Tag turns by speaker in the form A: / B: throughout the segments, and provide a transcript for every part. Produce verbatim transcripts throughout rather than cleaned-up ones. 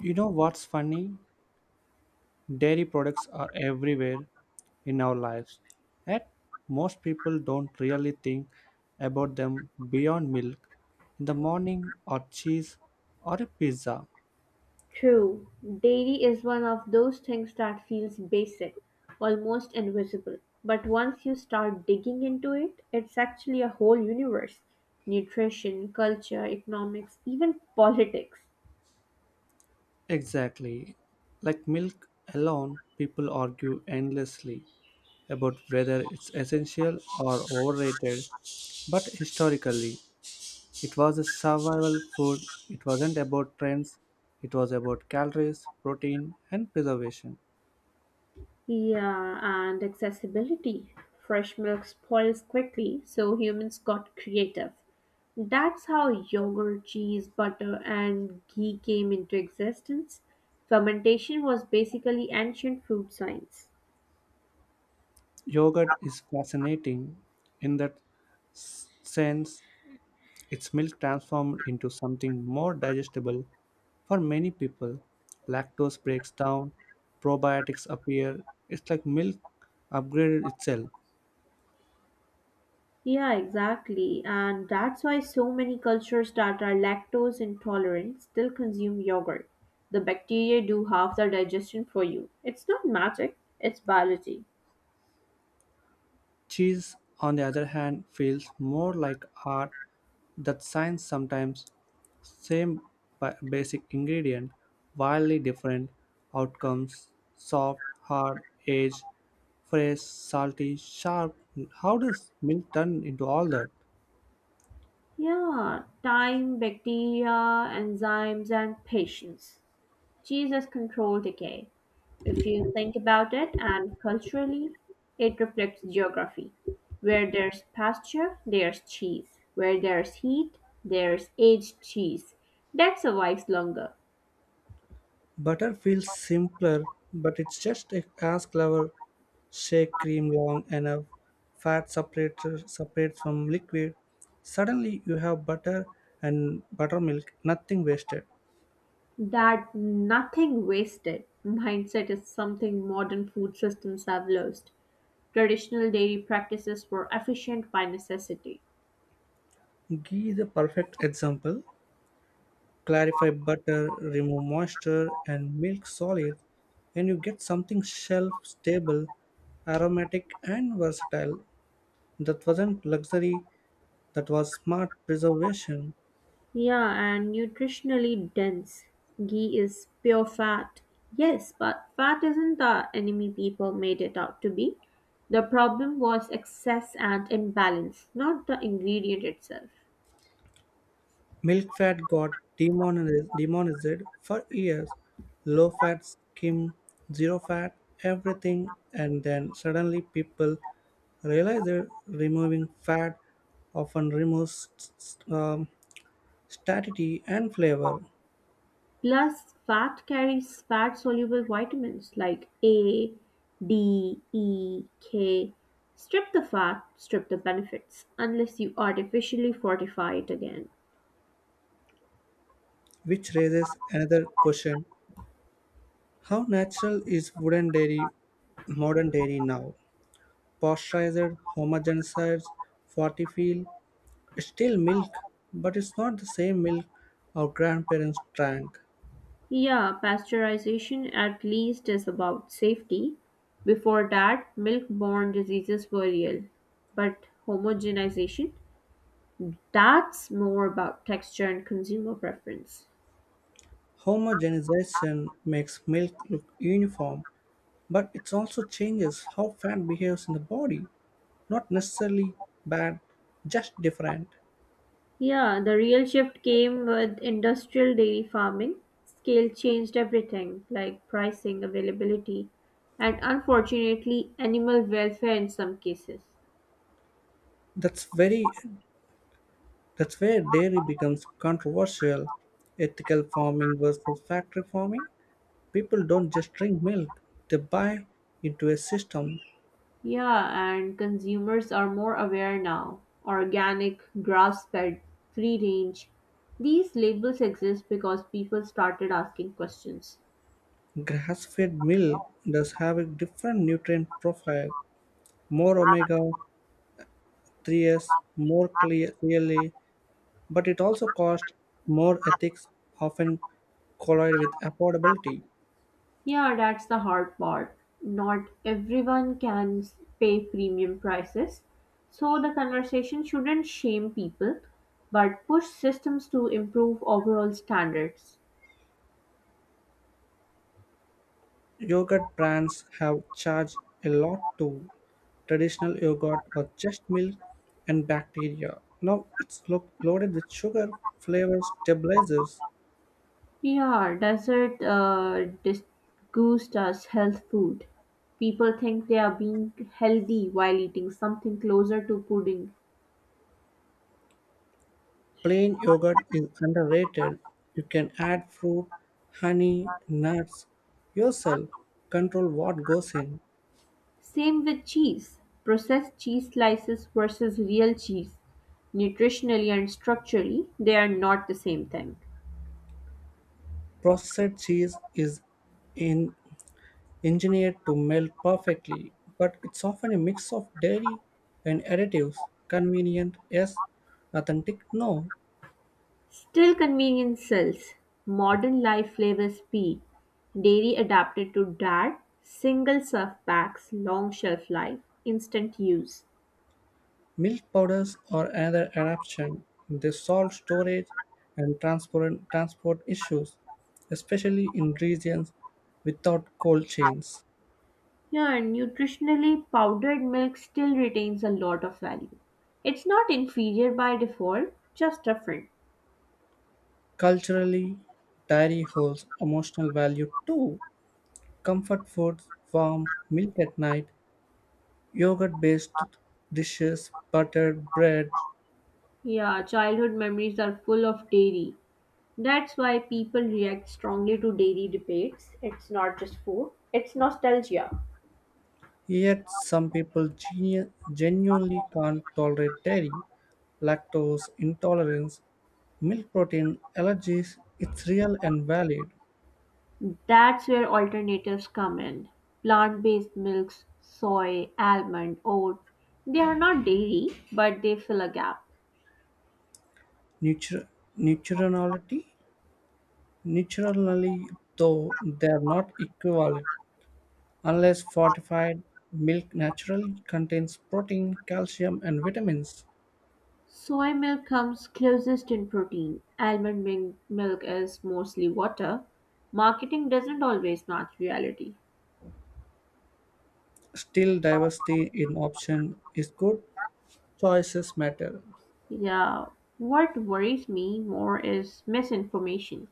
A: You know what's funny? Dairy products are everywhere in our lives. Yet most people don't really think about them beyond milk in the morning or cheese or a pizza.
B: True, dairy is one of those things that feels basic, almost invisible. But once you start digging into it, it's actually a whole universe nutrition, culture, economics, even politics.
A: Exactly. Like milk alone, people argue endlessly about whether it's essential or overrated. But historically, it was a survival food. It wasn't about trends. It was about calories, protein, and preservation.
B: Yeah, and accessibility. Fresh milk spoils quickly, so humans got creative. That's how yogurt, cheese, butter, and ghee came into existence. Fermentation was basically ancient food science.
A: Yogurt is fascinating in that s- sense. Its milk transformed into something more digestible for many people. Lactose breaks down, probiotics appear. It's like milk upgraded itself.
B: Yeah, exactly. And that's why so many cultures that are lactose intolerant still consume yogurt. The bacteria do half the digestion for you. It's not magic, it's biology.
A: Cheese, on the other hand, feels more like art that science sometimes. Same ba- basic ingredient, wildly different outcomes, soft, hard, aged, fresh, salty, sharp. How does milk turn into all that?
B: Yeah, time, bacteria, enzymes, and patience. Jesus controlled decay. If you think about it, and culturally, it reflects geography. Where there's pasture, there's cheese. Where there's heat, there's aged cheese. That survives longer.
A: Butter feels simpler, but it's just a- as clever. Shake cream long enough, fat separator separates from liquid. Suddenly you have butter and buttermilk, nothing wasted.
B: That nothing wasted mindset is something modern food systems have lost. Traditional dairy practices were efficient by necessity.
A: Ghee is a perfect example. Clarify butter, remove moisture and milk solid, and you get something shelf stable, aromatic and versatile. That wasn't luxury, that was smart preservation.
B: Yeah, and nutritionally dense. Ghee is pure fat. Yes, but fat isn't the enemy people made it out to be. The problem was excess and imbalance, not the ingredient itself.
A: Milk fat got demonized, demonized for years. Low fat skim, zero fat, everything, and then suddenly people realized that removing fat often removes s- s- um, statity and flavor,
B: Plus, fat carries fat soluble vitamins like A, D, E, K. Strip the fat, strip the benefits, unless you artificially fortify it again.
A: which raises another question: how natural is wooden dairy, modern dairy now? Pasteurized, homogenized, fortified, it's still milk, but it's not the same milk our grandparents drank.
B: Yeah, pasteurization at least is about safety. Before that, milk-borne diseases were real. But homogenization, that's more about texture and consumer preference.
A: Homogenization makes milk look uniform, but it also changes how fat behaves in the body. Not necessarily bad, just different.
B: Yeah, the real shift came with industrial dairy farming. Scale changed everything, like pricing, availability, and unfortunately, animal welfare in some cases.
A: That's very that's where dairy becomes controversial. Ethical farming versus factory farming. People don't just drink milk, they buy into a system.
B: Yeah, and consumers are more aware now. Organic, grass fed, free range. These labels exist because people started asking questions.
A: Grass fed milk does have a different nutrient profile, more omega threes, more clear, clearly, but it also costs more, ethics often collide with affordability.
B: Yeah, that's the hard part. Not everyone can s- pay premium prices. So the conversation shouldn't shame people, but push systems to improve overall standards.
A: Yogurt brands have charged a lot to traditional yogurt or just milk and bacteria. Now it's lo- loaded with sugar, flavor stabilizers.
B: Yeah, desert uh, disguised as health food. People think they are being healthy while eating something closer to pudding.
A: Plain yogurt is underrated. You can add fruit, honey, nuts yourself, control what goes in.
B: Same with cheese. Processed cheese slices versus real cheese. Nutritionally and structurally, they are not the same thing.
A: Processed cheese is in, engineered to melt perfectly, but it's often a mix of dairy and additives. Convenient, yes. Authentic, no.
B: Still, convenience sells. Modern life flavors speed. Dairy adapted to dad, single serve packs, long shelf life, instant use.
A: Milk powders or another adaptation. They solve storage and transport, transport issues, especially in regions without cold chains.
B: Yeah, and nutritionally, powdered milk still retains a lot of value. It's not inferior by default, just different.
A: Culturally, dairy holds emotional value too. Comfort foods, warm milk at night, yogurt based dishes, buttered bread,
B: Yeah, childhood memories are full of dairy. That's why people react strongly to dairy debates. It's not just food, it's nostalgia.
A: yet some people genu- genuinely can't tolerate dairy, lactose intolerance, milk protein allergies. It's real and valid.
B: That's where alternatives come in. Plant based milks, soy, almond, oat. They are not dairy, but they fill a gap.
A: Nutra- nutritionality, Nutritionally though they are not equivalent unless fortified, milk naturally contains protein, calcium, and vitamins.
B: Soy milk comes closest in protein, almond mil- milk is mostly water. Marketing doesn't always match reality.
A: Still, diversity in option is good. Choices matter.
B: Yeah, what worries me more is misinformation.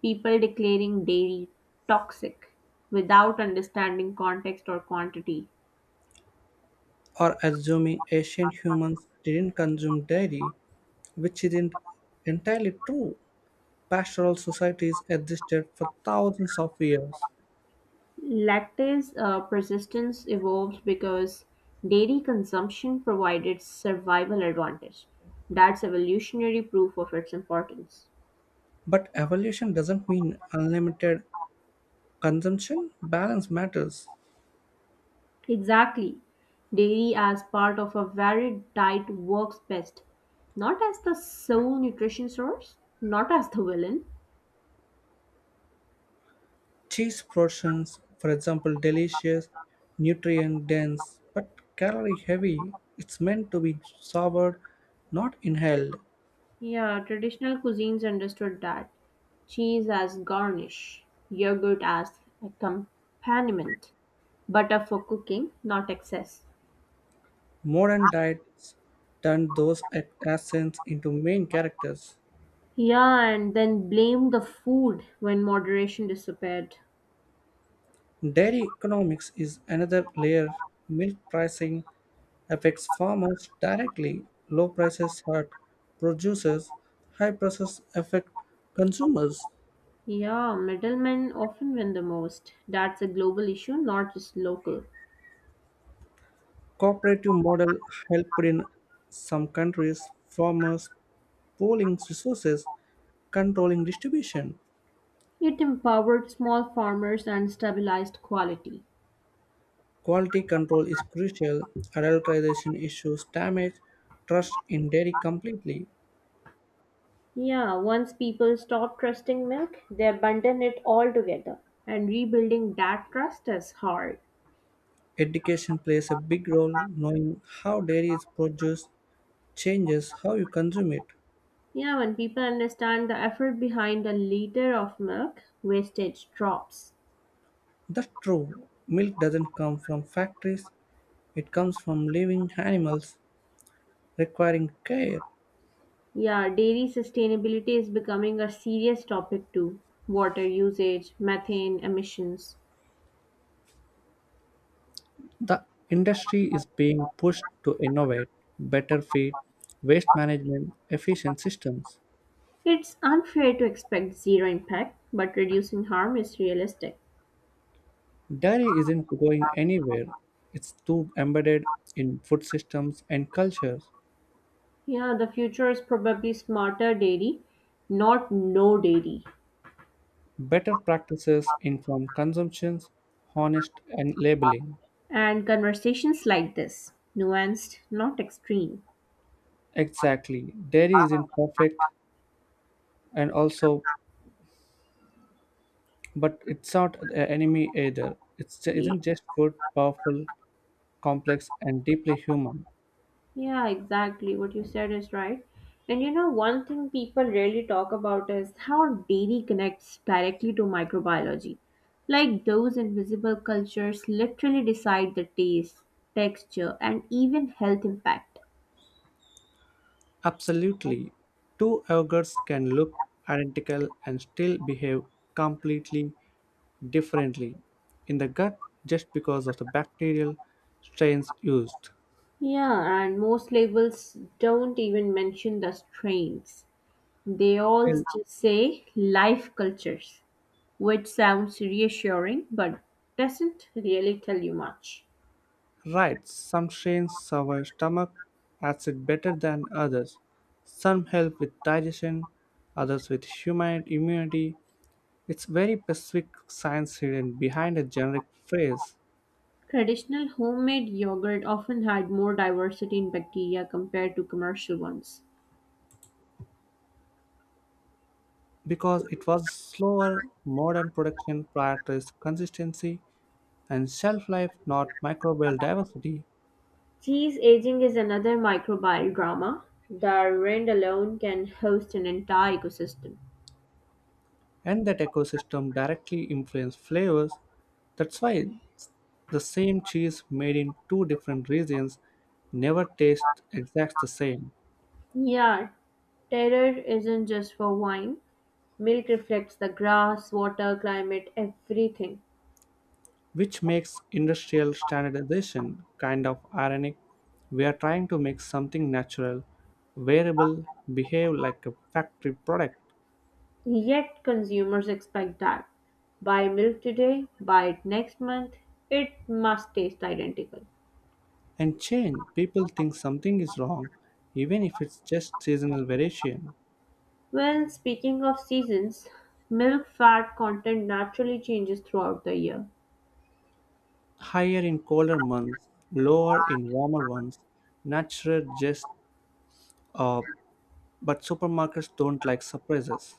B: People declaring dairy toxic without understanding context or quantity.
A: Or assuming ancient humans didn't consume dairy, which isn't entirely true. Pastoral societies existed for thousands of years.
B: Lactase uh, persistence evolved because dairy consumption provided survival advantage. That's evolutionary proof of its importance.
A: But evolution doesn't mean unlimited consumption, balance matters.
B: Exactly. Dairy as part of a varied diet works best, not as the sole nutrition source, not as the villain.
A: Cheese portions, for example, delicious, nutrient dense, but calorie heavy, it's meant to be savored, not inhaled.
B: Yeah, traditional cuisines understood that. Cheese as garnish, yogurt as accompaniment, butter for cooking, not excess.
A: Modern diets turn those ac- accents into main characters.
B: Yeah, and then blame the food when moderation disappeared.
A: Dairy economics is another layer. Milk pricing affects farmers directly. Low prices hurt producers, high prices affect consumers.
B: Yeah, middlemen often win the most. That's a global issue, not just local.
A: Cooperative model helped in some countries, farmers pooling resources, controlling distribution.
B: It empowered small farmers and stabilized quality.
A: Quality control is crucial. Adulteration issues damage trust in dairy completely.
B: Yeah, once people stop trusting milk, they abandon it altogether. And rebuilding that trust is hard.
A: Education plays a big role. Knowing how dairy is produced changes how you consume it.
B: Yeah, when people understand the effort behind a liter of milk, wastage drops.
A: That's true. Milk doesn't come from factories, it comes from living animals requiring care.
B: Yeah, dairy sustainability is becoming a serious topic too. Water usage, methane emissions.
A: The industry is being pushed to innovate, better feed, waste management, efficient systems.
B: It's unfair to expect zero impact, but reducing harm is realistic.
A: Dairy isn't going anywhere, it's too embedded in food systems and cultures.
B: Yeah, the future is probably smarter dairy, not no dairy.
A: Better practices, informed consumptions, honest and labeling.
B: And conversations like this, nuanced, not extreme.
A: Exactly. Dairy isn't perfect and also, but it's not the enemy either. It's ju-
B: Ye-
A: isn't just good, powerful, complex, and deeply human.
B: Yeah, exactly. What you said is right. And you know, one thing people rarely talk about is how dairy connects directly to microbiology. Like those invisible cultures literally decide the taste, texture, and even health impact.
A: Absolutely, two ogres can look identical and still behave completely differently in the gut just because of the bacterial strains used.
B: Yeah, and most labels don't even mention the strains. They all
A: Well,
B: just say life cultures, which sounds reassuring but doesn't really tell you much.
A: right, some strains survive stomach acid better than others. Some help with digestion, others with human immunity. It's very specific science hidden behind a generic phrase,
B: Traditional homemade yogurt often had more diversity in bacteria compared to commercial ones.
A: because it was slower, modern production prioritized consistency and shelf life, not microbial diversity,
B: Cheese aging is another microbial drama. The rind alone can host an entire ecosystem.
A: and that ecosystem directly influenced flavors. That's why the same cheese made in two different regions never tastes exactly the same.
B: Yeah, terror isn't just for wine. Milk reflects the grass, water, climate, everything.
A: Which makes industrial standardization kind of ironic. We are trying to make something natural, wearable, behave like a factory product,
B: Yet consumers expect that buy milk today, buy it next month, it must taste identical.
A: and change. People think something is wrong, even if it's just seasonal variation.
B: Well, speaking of seasons, milk fat content naturally changes throughout the year.
A: Higher in colder months, lower in warmer ones, natural, just uh, but supermarkets don't like surprises.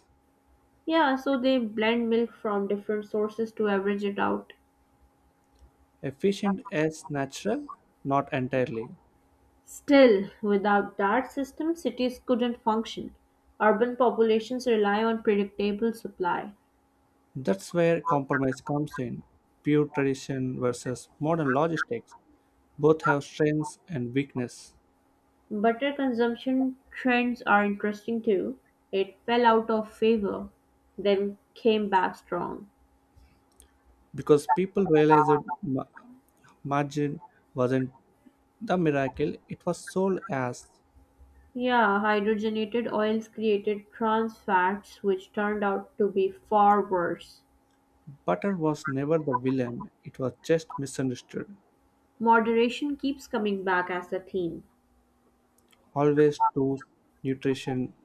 B: Yeah, so they blend milk from different sources to average it out.
A: Efficient as natural, not entirely.
B: Still, without that system, cities couldn't function. Urban populations rely on predictable supply.
A: That's where compromise comes in. Pure tradition versus modern logistics. Both have strengths and weakness,
B: Butter consumption trends are interesting too. It fell out of favor, then came back strong.
A: because people realized that ma- margin wasn't the miracle it was sold as.
B: Yeah, hydrogenated oils created trans fats, which turned out to be far worse.
A: Butter was never the villain, it was just misunderstood.
B: Moderation keeps coming back as a theme.
A: Always to nutrition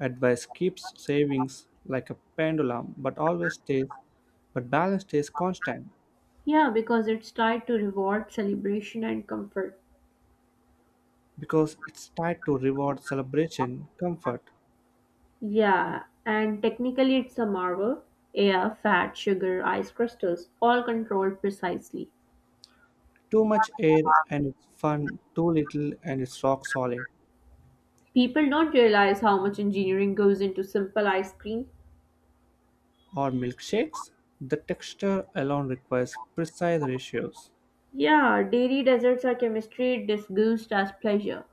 A: advice keeps savings like a pendulum, but always stays, but balance stays constant,
B: Yeah, because it's tied to reward, celebration, and comfort.
A: because it's tied to reward, celebration, comfort.
B: Yeah, and technically it's a marvel. Air, fat, sugar, ice crystals, all controlled precisely.
A: Too much air and it's fun, too little and it's rock solid.
B: People don't realize how much engineering goes into simple ice cream.
A: Or milkshakes, the texture alone requires precise ratios.
B: Yeah, dairy desserts are chemistry disguised as pleasure.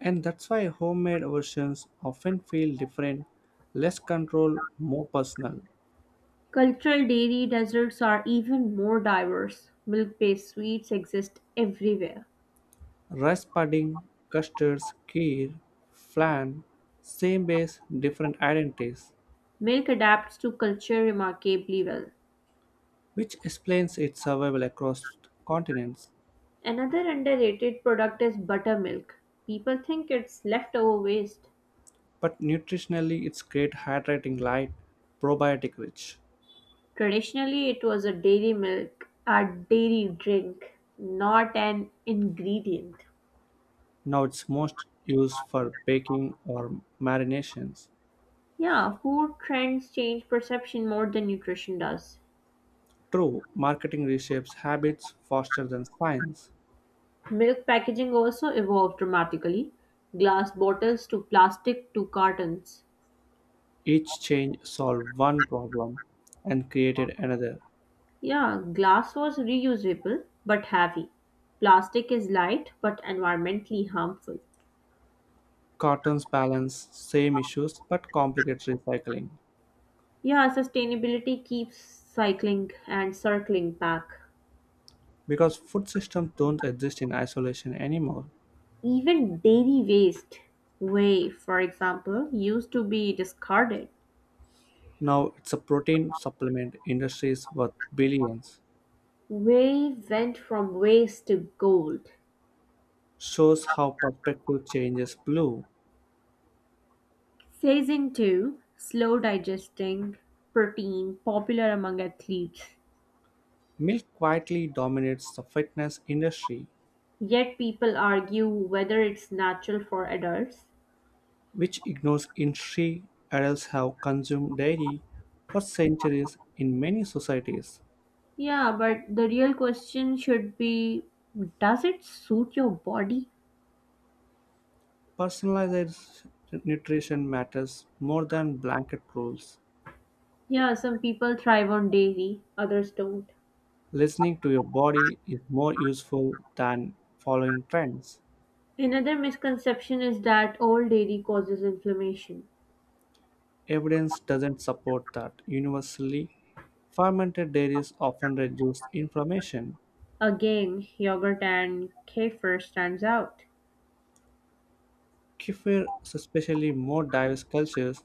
A: And that's why homemade versions often feel different, less controlled, more personal.
B: Cultural dairy desserts are even more diverse. Milk based sweets exist everywhere.
A: Rice pudding, custards, kheer, flan, same base, different identities,
B: Milk adapts to culture remarkably well.
A: which explains its survival across continents.
B: Another underrated product is buttermilk. People think it's leftover waste.
A: But nutritionally, it's great, hydrating, light, probiotic rich.
B: Traditionally, it was a dairy milk, a dairy drink, not an ingredient.
A: Now it's most used for baking or marinations.
B: Yeah, food trends change perception more than nutrition does.
A: True, marketing reshapes habits faster than science.
B: Milk packaging also evolved dramatically. Glass bottles to plastic to cartons.
A: Each change solved one problem and created another.
B: Yeah, glass was reusable but heavy. Plastic is light but environmentally harmful.
A: Cartoons balance same issues but complicate recycling,
B: Yeah, sustainability keeps cycling and circling back.
A: because food systems don't exist in isolation anymore.
B: Even dairy waste, whey, for example, used to be discarded.
A: Now it's a protein supplement industries worth billions.
B: Whey went from waste to gold.
A: Shows how perspective changes blue.
B: Phasing two, slow digesting protein popular among athletes.
A: Milk quietly dominates the fitness industry,
B: Yet people argue whether it's natural for adults.
A: which ignores industry, adults have consumed dairy for centuries in many societies.
B: Yeah, but the real question should be does it suit your body?
A: Personalized nutrition matters more than blanket rules.
B: Yeah, some people thrive on dairy, others don't.
A: Listening to your body is more useful than following trends.
B: Another misconception is that all dairy causes inflammation.
A: Evidence doesn't support that universally. Fermented dairies often reduce inflammation.
B: Again, yogurt and kefir stands out.
A: Kefir, especially more diverse cultures,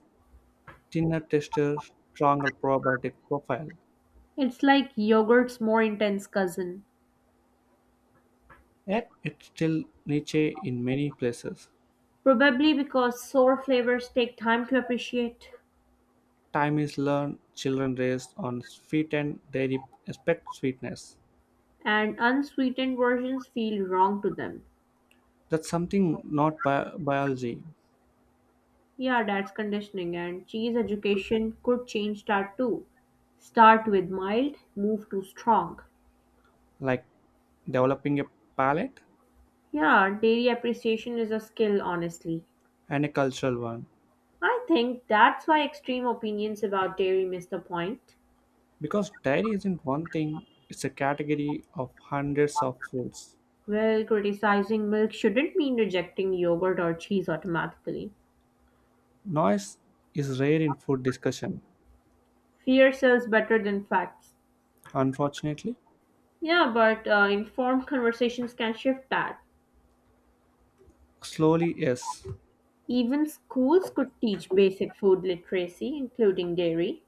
A: thinner texture, stronger probiotic profile.
B: It's like yogurt's more intense cousin.
A: Yet it's still niche in many places.
B: Probably because sour flavors take time to appreciate,
A: Time is learned, children raised on sweet and dairy expect sweetness.
B: and unsweetened versions feel wrong to them.
A: That's something not bi- biology,
B: Yeah, that's conditioning, and cheese education could change that too. Start with mild, move to strong.
A: like developing a palate,
B: Yeah, dairy appreciation is a skill, honestly.
A: and a cultural one.
B: I think that's why extreme opinions about dairy miss the point.
A: Because dairy isn't one thing, it's a category of hundreds of foods.
B: Well, criticizing milk shouldn't mean rejecting yogurt or cheese automatically.
A: Noise is rare in food discussion,
B: Fear sells better than facts.
A: unfortunately.
B: Yeah, but uh, informed conversations can shift that.
A: Slowly, yes.
B: Even schools could teach basic food literacy, including dairy,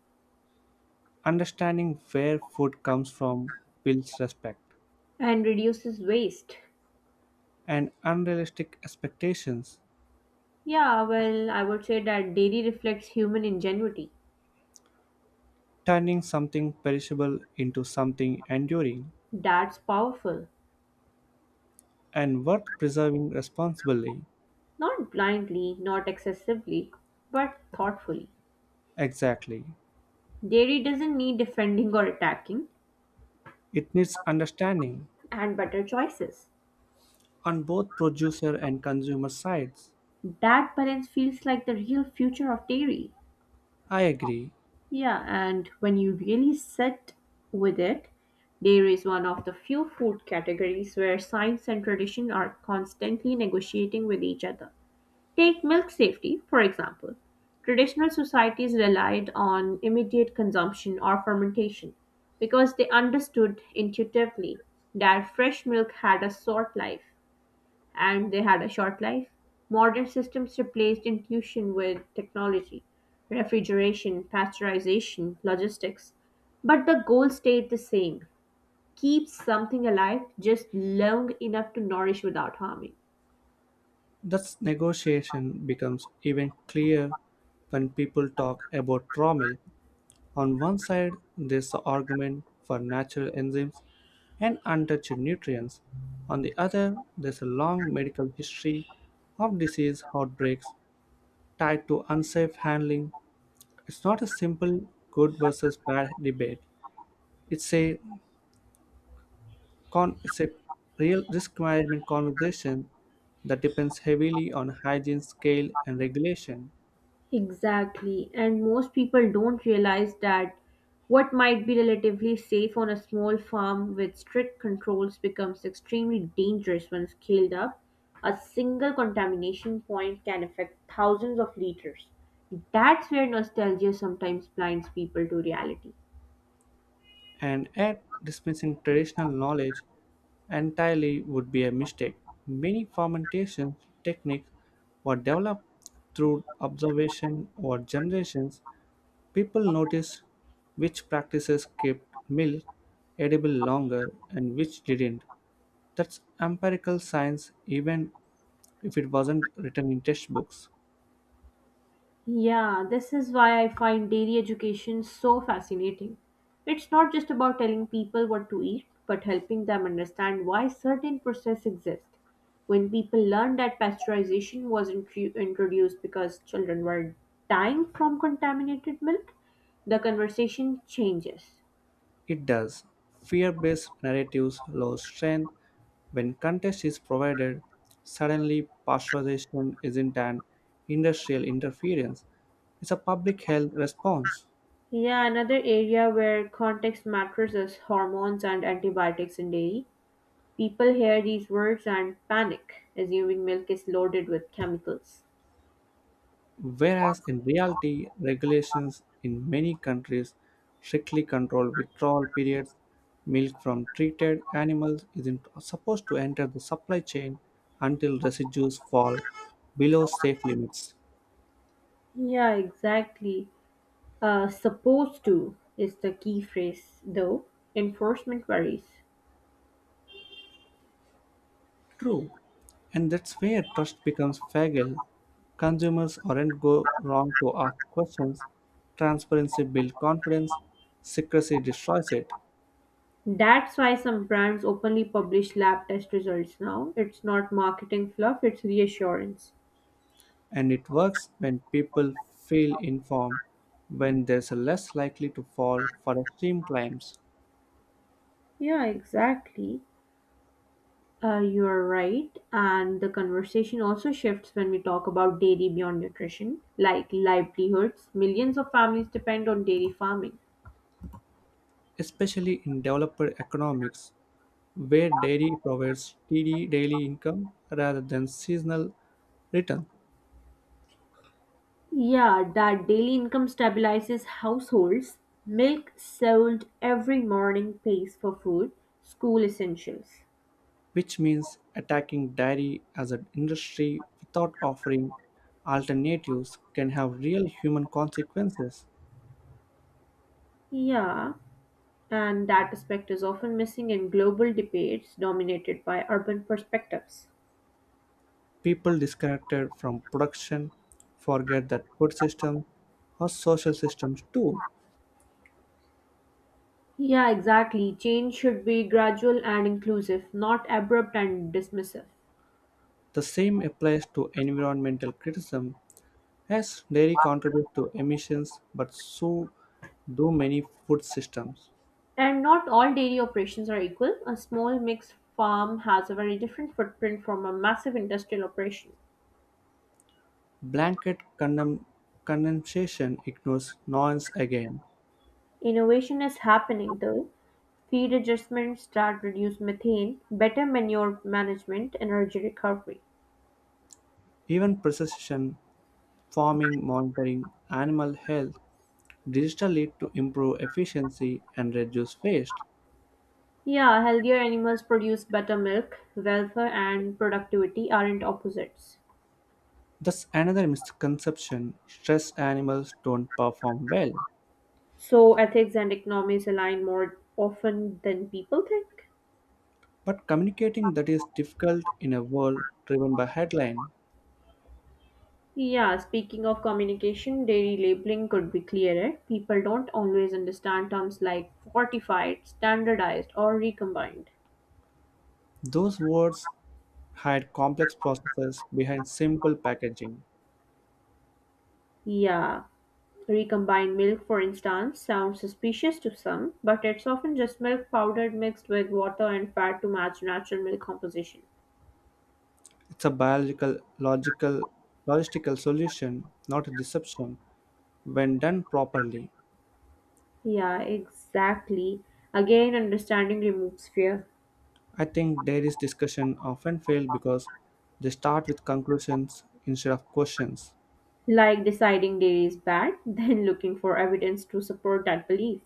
A: Understanding where food comes from builds respect,
B: and reduces waste.
A: and unrealistic expectations,
B: Yeah, well, I would say that dairy reflects human ingenuity.
A: turning something perishable into something enduring
B: That's powerful.
A: and worth preserving responsibly.
B: Not blindly, not excessively, but thoughtfully.
A: Exactly.
B: Dairy doesn't need defending or attacking,
A: It needs understanding
B: and better choices.
A: on both producer and consumer sides.
B: That balance feels like the real future of dairy.
A: I agree.
B: Yeah, and when you really sit with it, dairy is one of the few food categories where science and tradition are constantly negotiating with each other. Take milk safety, for example. Traditional societies relied on immediate consumption or fermentation because they understood intuitively that fresh milk had a short life and they had a short life. Modern systems replaced intuition with technology, refrigeration, pasteurization, logistics. But the goal stayed the same keep something alive just long enough to nourish without harming.
A: Thus, negotiation becomes even clearer when people talk about raw milk. On one side, there's the argument for natural enzymes and untouched nutrients. On the other, there's a long medical history of disease outbreaks tied to unsafe handling. It's not a simple good versus bad debate. It's a con- it's a real risk management conversation that depends heavily on hygiene, scale, and regulation.
B: Exactly. And most people don't realize that what might be relatively safe on a small farm with strict controls becomes extremely dangerous when scaled up. A single contamination point can affect thousands of liters. That's where nostalgia sometimes blinds people to reality.
A: And yet dismissing traditional knowledge entirely would be a mistake. Many fermentation techniques were developed through observation over generations. People noticed which practices kept milk edible longer and which didn't. That's empirical science, even if it wasn't written in textbooks.
B: Yeah, this is why I find dairy education so fascinating. It's not just about telling people what to eat, but helping them understand why certain processes exist. When people learn that pasteurization was intru- introduced because children were dying from contaminated milk, the conversation changes.
A: It does. Fear based narratives lose strength when context is provided. Suddenly, pasteurization isn't an industrial interference, it's a public health response.
B: Yeah, another area where context matters is hormones and antibiotics in dairy. People hear these words and panic, assuming milk is loaded with chemicals.
A: Whereas in reality, regulations in many countries strictly control withdrawal periods. Milk from treated animals isn't supposed to enter the supply chain until residues fall below safe limits.
B: Yeah, exactly. Uh, supposed to is the key phrase, though. Enforcement varies.
A: True, and that's where trust becomes fragile. Consumers aren't go wrong to ask questions. Transparency builds confidence, secrecy destroys it,
B: That's why some brands openly publish lab test results now. It's not marketing fluff, it's reassurance.
A: and it works when people feel informed, when they're less likely to fall for extreme claims,
B: Yeah, exactly. Uh, you're right. And the conversation also shifts when we talk about dairy beyond nutrition, like livelihoods. Millions of families depend on dairy farming.
A: especially in developed economics, where dairy provides steady daily income rather than seasonal return.
B: Yeah, that daily income stabilizes households. Milk sold every morning pays for food, school essentials.
A: Which means attacking dairy as an industry without offering alternatives can have real human consequences.
B: Yeah, and that aspect is often missing in global debates dominated by urban perspectives.
A: People disconnected from production forget that food systems are social systems too.
B: Yeah, exactly. Change should be gradual and inclusive, not abrupt and dismissive.
A: The same applies to environmental criticism, as dairy contributes to emissions but so do many food systems.
B: And not all dairy operations are equal. A small mixed farm has a very different footprint from a massive industrial operation.
A: Blanket condemn- condemnation ignores nuance again.
B: Innovation is happening though, feed adjustments that reduce methane, better manure management, energy recovery.
A: Even precision farming, monitoring animal health digitally to improve efficiency and reduce waste.
B: Yeah, healthier animals produce better milk, welfare, and productivity aren't opposites.
A: That's another misconception. Stressed animals don't perform well.
B: So, ethics and economics align more often than people think.
A: But communicating that is difficult in a world driven by headline.
B: Yeah, speaking of communication, dairy labeling could be clearer. People don't always understand terms like fortified, standardized, or recombined.
A: Those words hide complex processes behind simple packaging.
B: Yeah, recombined milk, for instance, sounds suspicious to some, but it's often just milk powdered mixed with water and fat to match natural milk composition.
A: It's a biological, logical, logistical solution, not a deception, when done properly.
B: Yeah, exactly. Again, understanding removes fear.
A: I think dairy's discussion often fail because they start with conclusions instead of questions.
B: Like deciding dairy is bad, then looking for evidence to support that belief.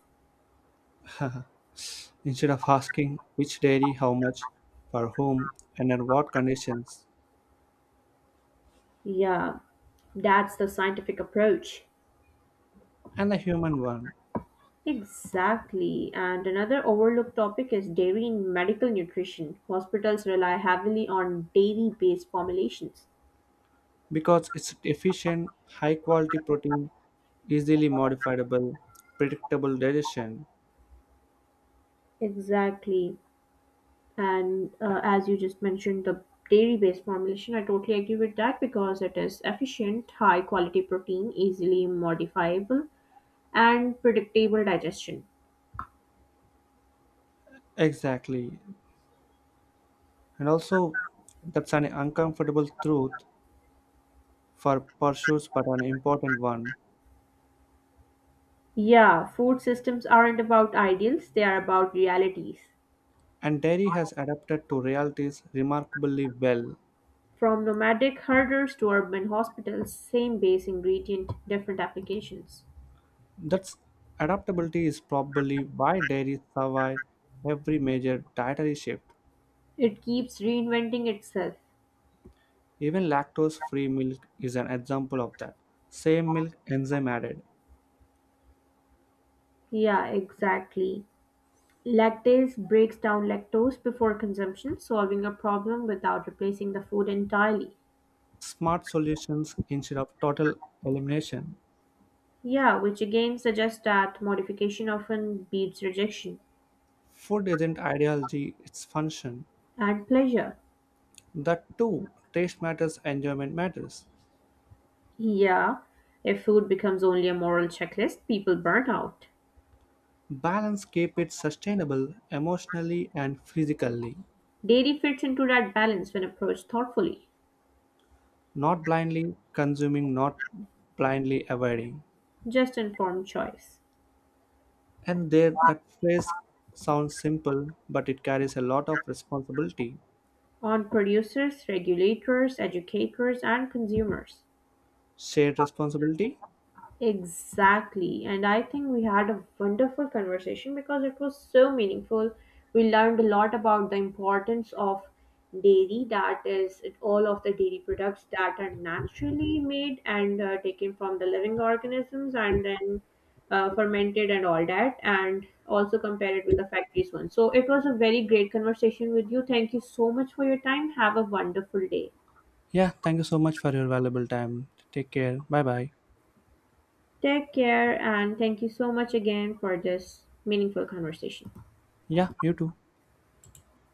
A: Instead of asking which dairy, how much, for whom, and under what conditions,
B: Yeah, that's the scientific approach.
A: and the human one,
B: Exactly. And another overlooked topic is dairy in medical nutrition. Hospitals rely heavily on dairy based formulations.
A: because it's efficient, high quality protein, easily modifiable, predictable digestion.
B: Exactly. And uh, as you just mentioned, the dairy based formulation, I totally agree with that because it is efficient, high quality protein, easily modifiable, and predictable digestion.
A: Exactly. And also, that's an uncomfortable truth for pursuits, but an important one.
B: Yeah, food systems aren't about ideals, they are about realities.
A: And dairy has adapted to realities remarkably well.
B: From nomadic herders to urban hospitals, same base ingredient, different applications.
A: That's adaptability is probably why dairy survived every major dietary shift.
B: It keeps reinventing itself.
A: Even lactose-free milk is an example of that. Same milk, enzyme added.
B: Yeah, exactly. Lactase breaks down lactose before consumption, solving a problem without replacing the food entirely.
A: Smart solutions instead of total elimination.
B: Yeah, which again suggests that modification often beats rejection
A: Food isn't ideology, it's function.
B: and pleasure.
A: That too, taste matters, enjoyment matters.
B: Yeah, if food becomes only a moral checklist, people burn out.
A: Balance keep it sustainable emotionally and physically,
B: Dairy fits into that balance when approached thoughtfully,
A: not blindly consuming, not blindly avoiding.
B: just informed choice
A: And there, that phrase sounds simple, but it carries a lot of responsibility.
B: on producers, regulators, educators, and consumers.
A: Shared responsibility?
B: Exactly. And I think we had a wonderful conversation because it was so meaningful. We learned a lot about the importance of dairy, that is, it- all of the dairy products that are naturally made and uh, taken from the living organisms and then uh, fermented and all that, and also compare it with the factories one. So it was a very great conversation with you. Thank you so much for your time. Have a wonderful day.
A: Yeah, thank you so much for your valuable time. Take care. Bye bye.
B: Take care, and thank you so much again for this meaningful conversation.
A: Yeah, you too.